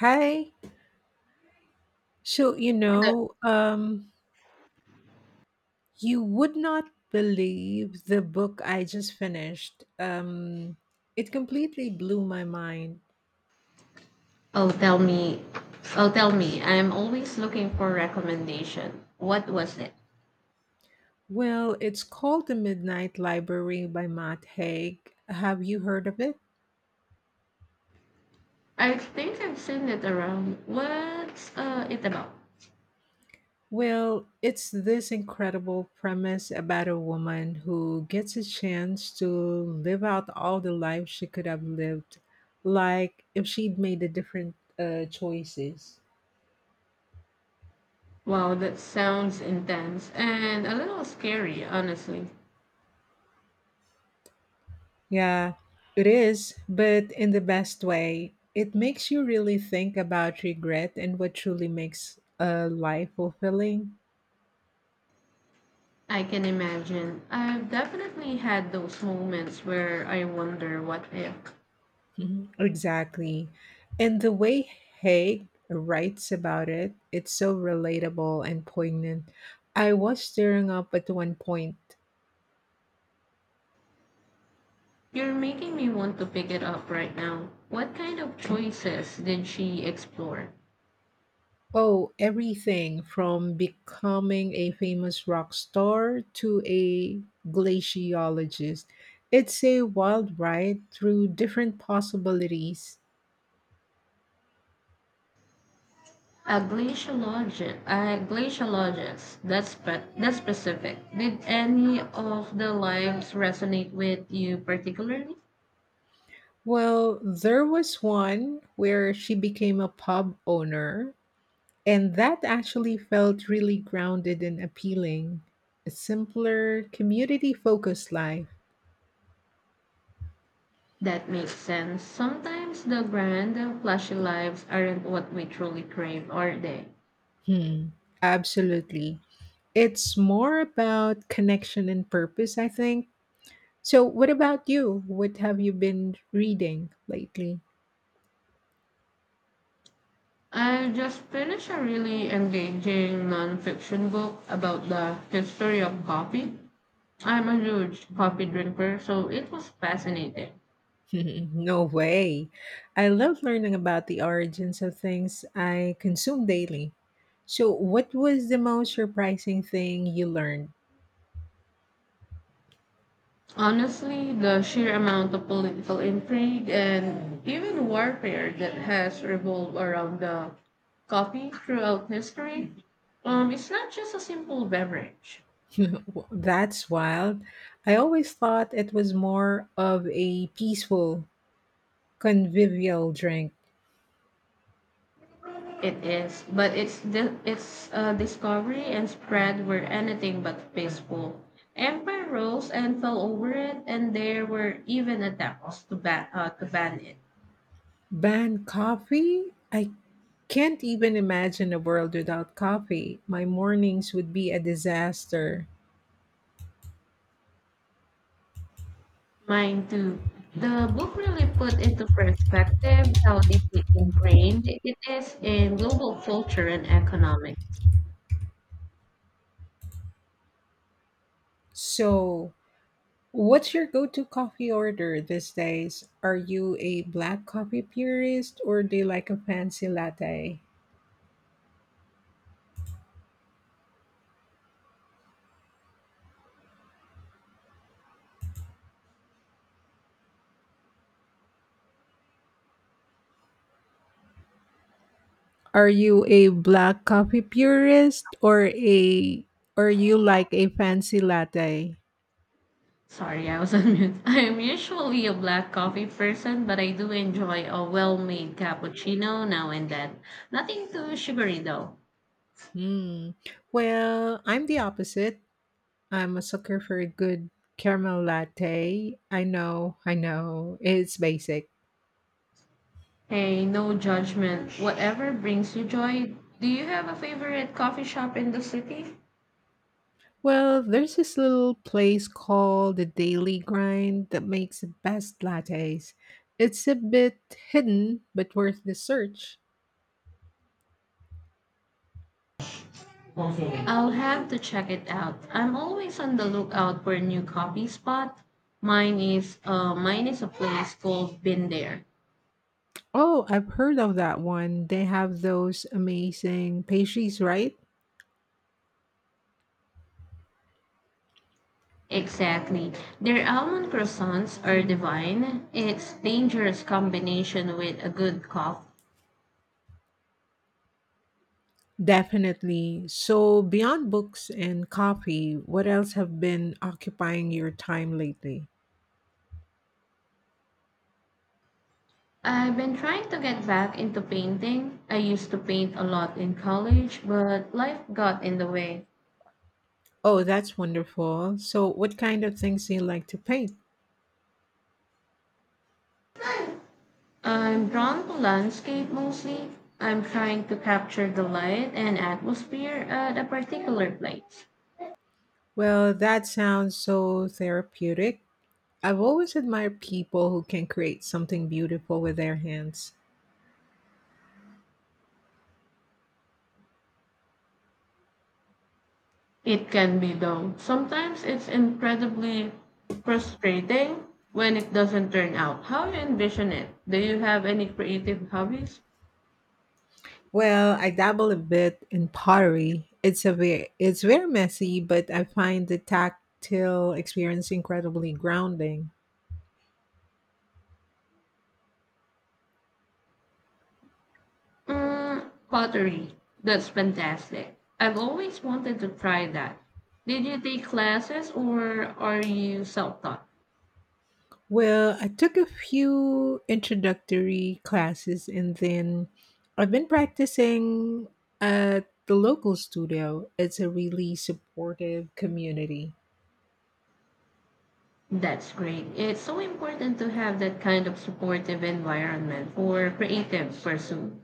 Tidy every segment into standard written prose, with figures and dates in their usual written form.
Hi. So, you know, um, you would not believe the book I just finished. It completely blew my mind. Oh, tell me. Oh, tell me. I'm always looking for recommendation. What was it? Well, it's called The Midnight Library by Matt Haig. Have you heard of it? I think I've seen it around. What's it about? Well, it's this incredible premise about a woman who gets a chance to live out all the life she could have lived, like if she'd made the different choices. Wow, that sounds intense and a little scary, honestly. Yeah, it is, but in the best way. It makes you really think about regret and what truly makes a life fulfilling. I can imagine. I've definitely had those moments where I wonder what if. Mhm. Exactly. And the way Haig writes about it, it's so relatable and poignant. I was tearing up at one point. You're making me want to pick it up right now. What kind of choices did she explore? Oh, everything from becoming a famous rock star to a glaciologist. It's a wild ride through different possibilities. A glaciologist, a glaciologist. That's that's specific. Did any of the lives resonate with you particularly? Well, there was one where she became a pub owner, and that actually felt really grounded and appealing. A simpler, community focused life. That makes sense. Sometimes the grand, flashy lives aren't what we truly crave, are they? Hmm, absolutely. It's more about connection and purpose, I think. So, what about you? What have you been reading lately? I just finished a really engaging nonfiction book about the history of coffee. I'm a huge coffee drinker, so it was fascinating. No way. I love learning about the origins of things I consume daily. So, what was the most surprising thing you learned? Honestly, the sheer amount of political intrigue and even warfare that has revolved around the coffee throughout history, it's not just a simple beverage. That's wild. I always thought it was more of a peaceful, convivial drink. It is, but its discovery and spread were anything but peaceful. Empire rose and fell over it, and there were even attempts to ban to ban it. Ban coffee? I can't even imagine a world without coffee. My mornings would be a disaster. Mine too. The book really put into perspective how deeply ingrained it is in global culture and economics. So, what's your go to coffee order these days? Are you a black coffee purist or do you like a fancy latte? Are you a black coffee purist or a or you like a fancy latte? Sorry, I was on mute. I am usually a black coffee person, but I do enjoy a well made cappuccino now and then. Nothing too sugary though. Hmm. Well, I'm the opposite. I'm a sucker for a good caramel latte. I know, I know. It's basic. Hey, no judgment. Whatever brings you joy. Do you have a favorite coffee shop in the city? Well, there's this little place called the Daily Grind that makes the best lattes. It's a bit hidden, but worth the search. I'll have to check it out. I'm always on the lookout for a new coffee spot. Mine is a place called Been There. Oh, I've heard of that one. They have those amazing pastries, right? Exactly. Their almond croissants are divine. It's dangerous combination with a good coffee. Definitely. So, beyond books and coffee, what else have been occupying your time lately? I've been trying to get back into painting. I used to paint a lot in college, but life got in the way. Oh, that's wonderful. So, what kind of things do you like to paint? I'm drawn to landscape mostly. I'm trying to capture the light and atmosphere at a particular place. Well, that sounds so therapeutic. I've always admired people who can create something beautiful with their hands. It can be though. Sometimes it's incredibly frustrating when it doesn't turn out how you envision it. Do you have any creative hobbies? Well, I dabble a bit in pottery. It's very messy, but I find the tactile experience incredibly grounding. Mm, pottery. That's fantastic. I've always wanted to try that. Did you take classes or are you self-taught? Well, I took a few introductory classes and then I've been practicing at the local studio. It's a really supportive community. That's great. It's so important to have that kind of supportive environment for creative pursuit.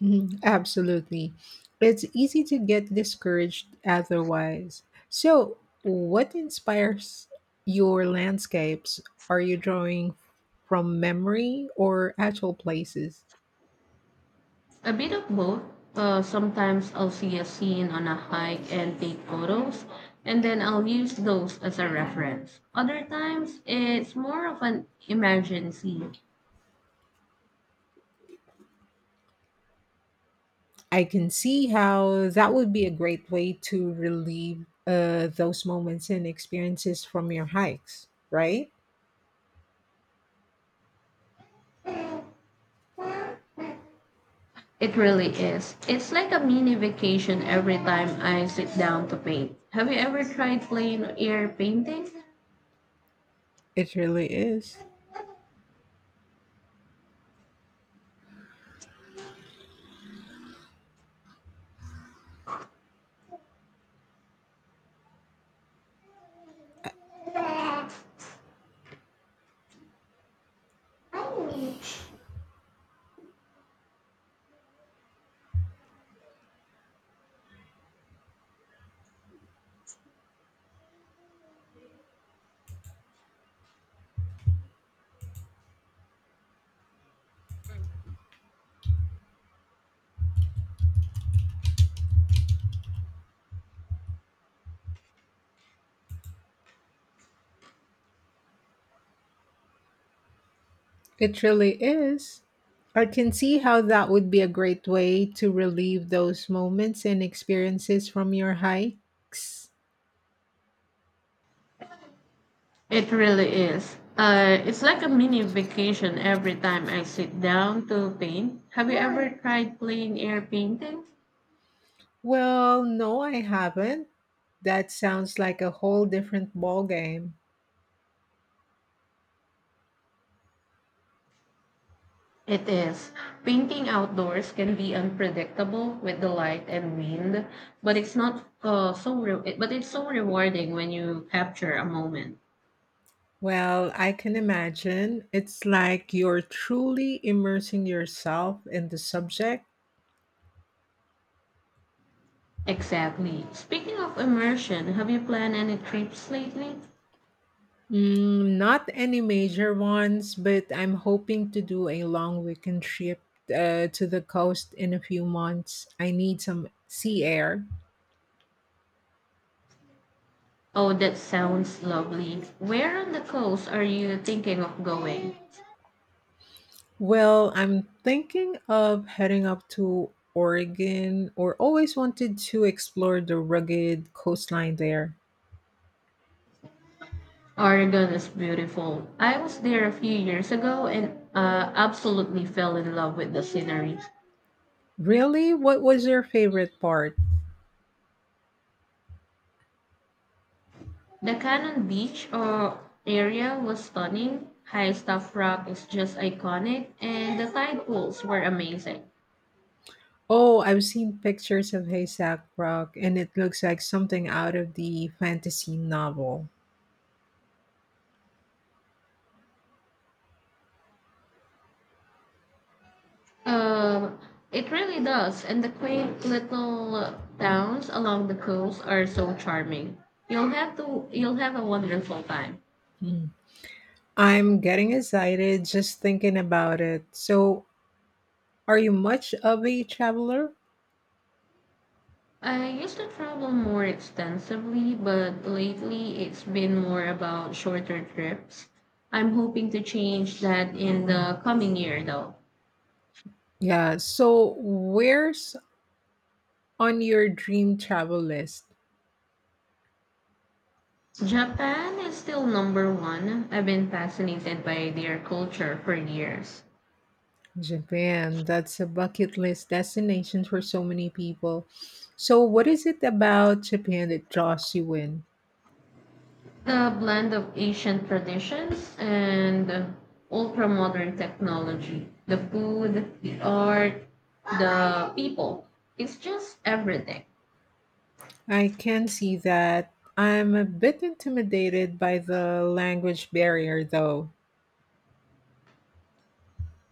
Mhm, absolutely. It's easy to get discouraged otherwise. So, what inspires your landscapes? Are you drawing from memory or actual places? A bit of both. Sometimes I'll see a scene on a hike and take photos, and then I'll use those as a reference. Other times, it's more of an imagined scene. I can see how that would be a great way to relieve those moments and experiences from your hikes, right? It really is. It's like a mini vacation every time I sit down to paint. Have you ever tried plain air painting? It really is. It really is. I can see how that would be a great way to relive those moments and experiences from your hikes. It really is. It's like a mini vacation every time I sit down to paint. Have you ever tried plain air painting? Well, no, I haven't. That sounds like a whole different ballgame. It is. Painting outdoors can be unpredictable with the light and wind, but it's not so re- but it's so rewarding when you capture a moment. Well, I can imagine. It's like you're truly immersing yourself in the subject. Exactly. Speaking of immersion, have you planned any trips lately? Mm, not any major ones, but I'm hoping to do a long weekend trip to the coast in a few months. I need some sea air. Oh, that sounds lovely. Where on the coast are you thinking of going? Well, I'm thinking of heading up to Oregon or always wanted to explore the rugged coastline there. Oregon is beautiful. I was there a few years ago and absolutely fell in love with the scenery. Really? What was your favorite part? The Cannon Beach area was stunning. High Stuff Rock is just iconic, and the tide pools were amazing. Oh, I've seen pictures of Haystack Rock and it looks like something out of the fantasy novel. Um, it really does, and the quaint little towns along the coast are so charming. You'll have a wonderful time. Hmm. I'm getting excited just thinking about it. So, are you much of a traveler? I used to travel more extensively, but lately it's been more about shorter trips. I'm hoping to change that in the coming year, though. Yeah. So, where's on your dream travel list? Japan is still number one. I've been fascinated by their culture for years. Japan, that's a bucket list destination for so many people. So, what is it about Japan that draws you in? The blend of ancient traditions and ultra modern technology, the food, the art, the people. It's just everything. I can see that. I'm a bit intimidated by the language barrier, though.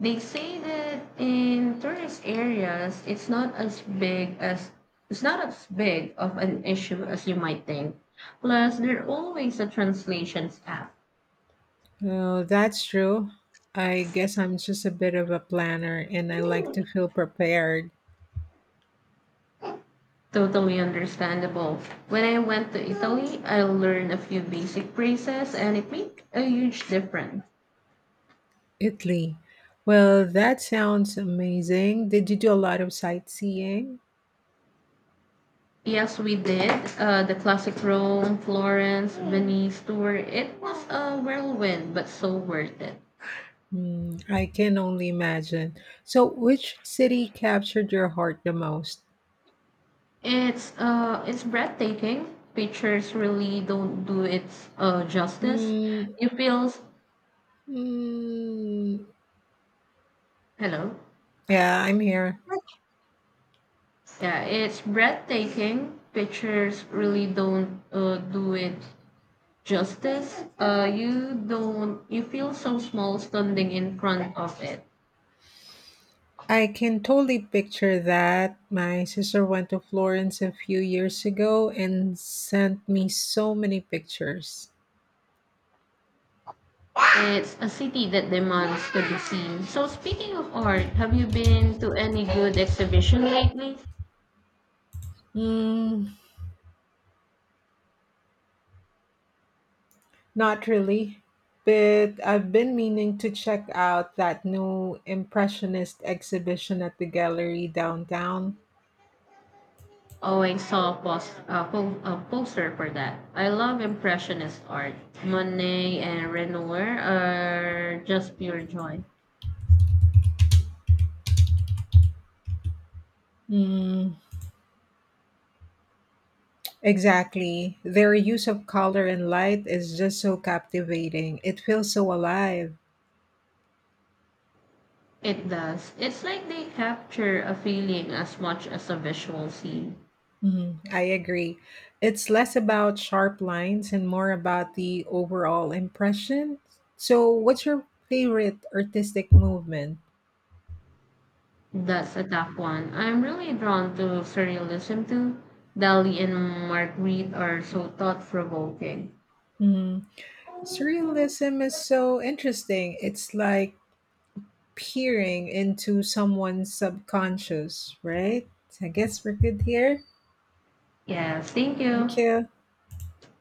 They say that in tourist areas, it's not as big of an issue as you might think. Plus, there are always a translations app. Oh, that's true. I guess I'm just a bit of a planner and I like to feel prepared. Totally understandable. When I went to Italy, I learned a few basic phrases and it made a huge difference. Italy. Well, that sounds amazing. Did you do a lot of sightseeing? Yes, we did. The classic Rome, Florence, Venice tour. It was a whirlwind, but so worth it. Hmm, I can only imagine. So, which city captured your heart the most? It's breathtaking. Pictures really don't do its justice. Mm, You feel s- mm, Hello. yeah, I'm here. Yeah, it's breathtaking. Pictures really don't do it justice. You don't. You feel so small standing in front of it. I can totally picture that. My sister went to Florence a few years ago and sent me so many pictures. It's a city that demands to be seen. So speaking of art, have you been to any good exhibition lately? Mm, not really, but I've been meaning to check out that new Impressionist exhibition at the gallery downtown. Oh, I saw a poster for that. I love Impressionist art. Monet and Renoir are just pure joy. Mm, exactly. Their use of color and light is just so captivating. It feels so alive. It does. It's like they capture a feeling as much as a visual scene. Mm, I agree. It's less about sharp lines and more about the overall impression. So, what's your favorite artistic movement? That's a tough one. I'm really drawn to surrealism too. Dali and Marguerite are so thought provoking. Mm-hmm. Surrealism is so interesting. It's like peering into someone's subconscious, right? I guess we're good here. Yes, thank Thank you. you.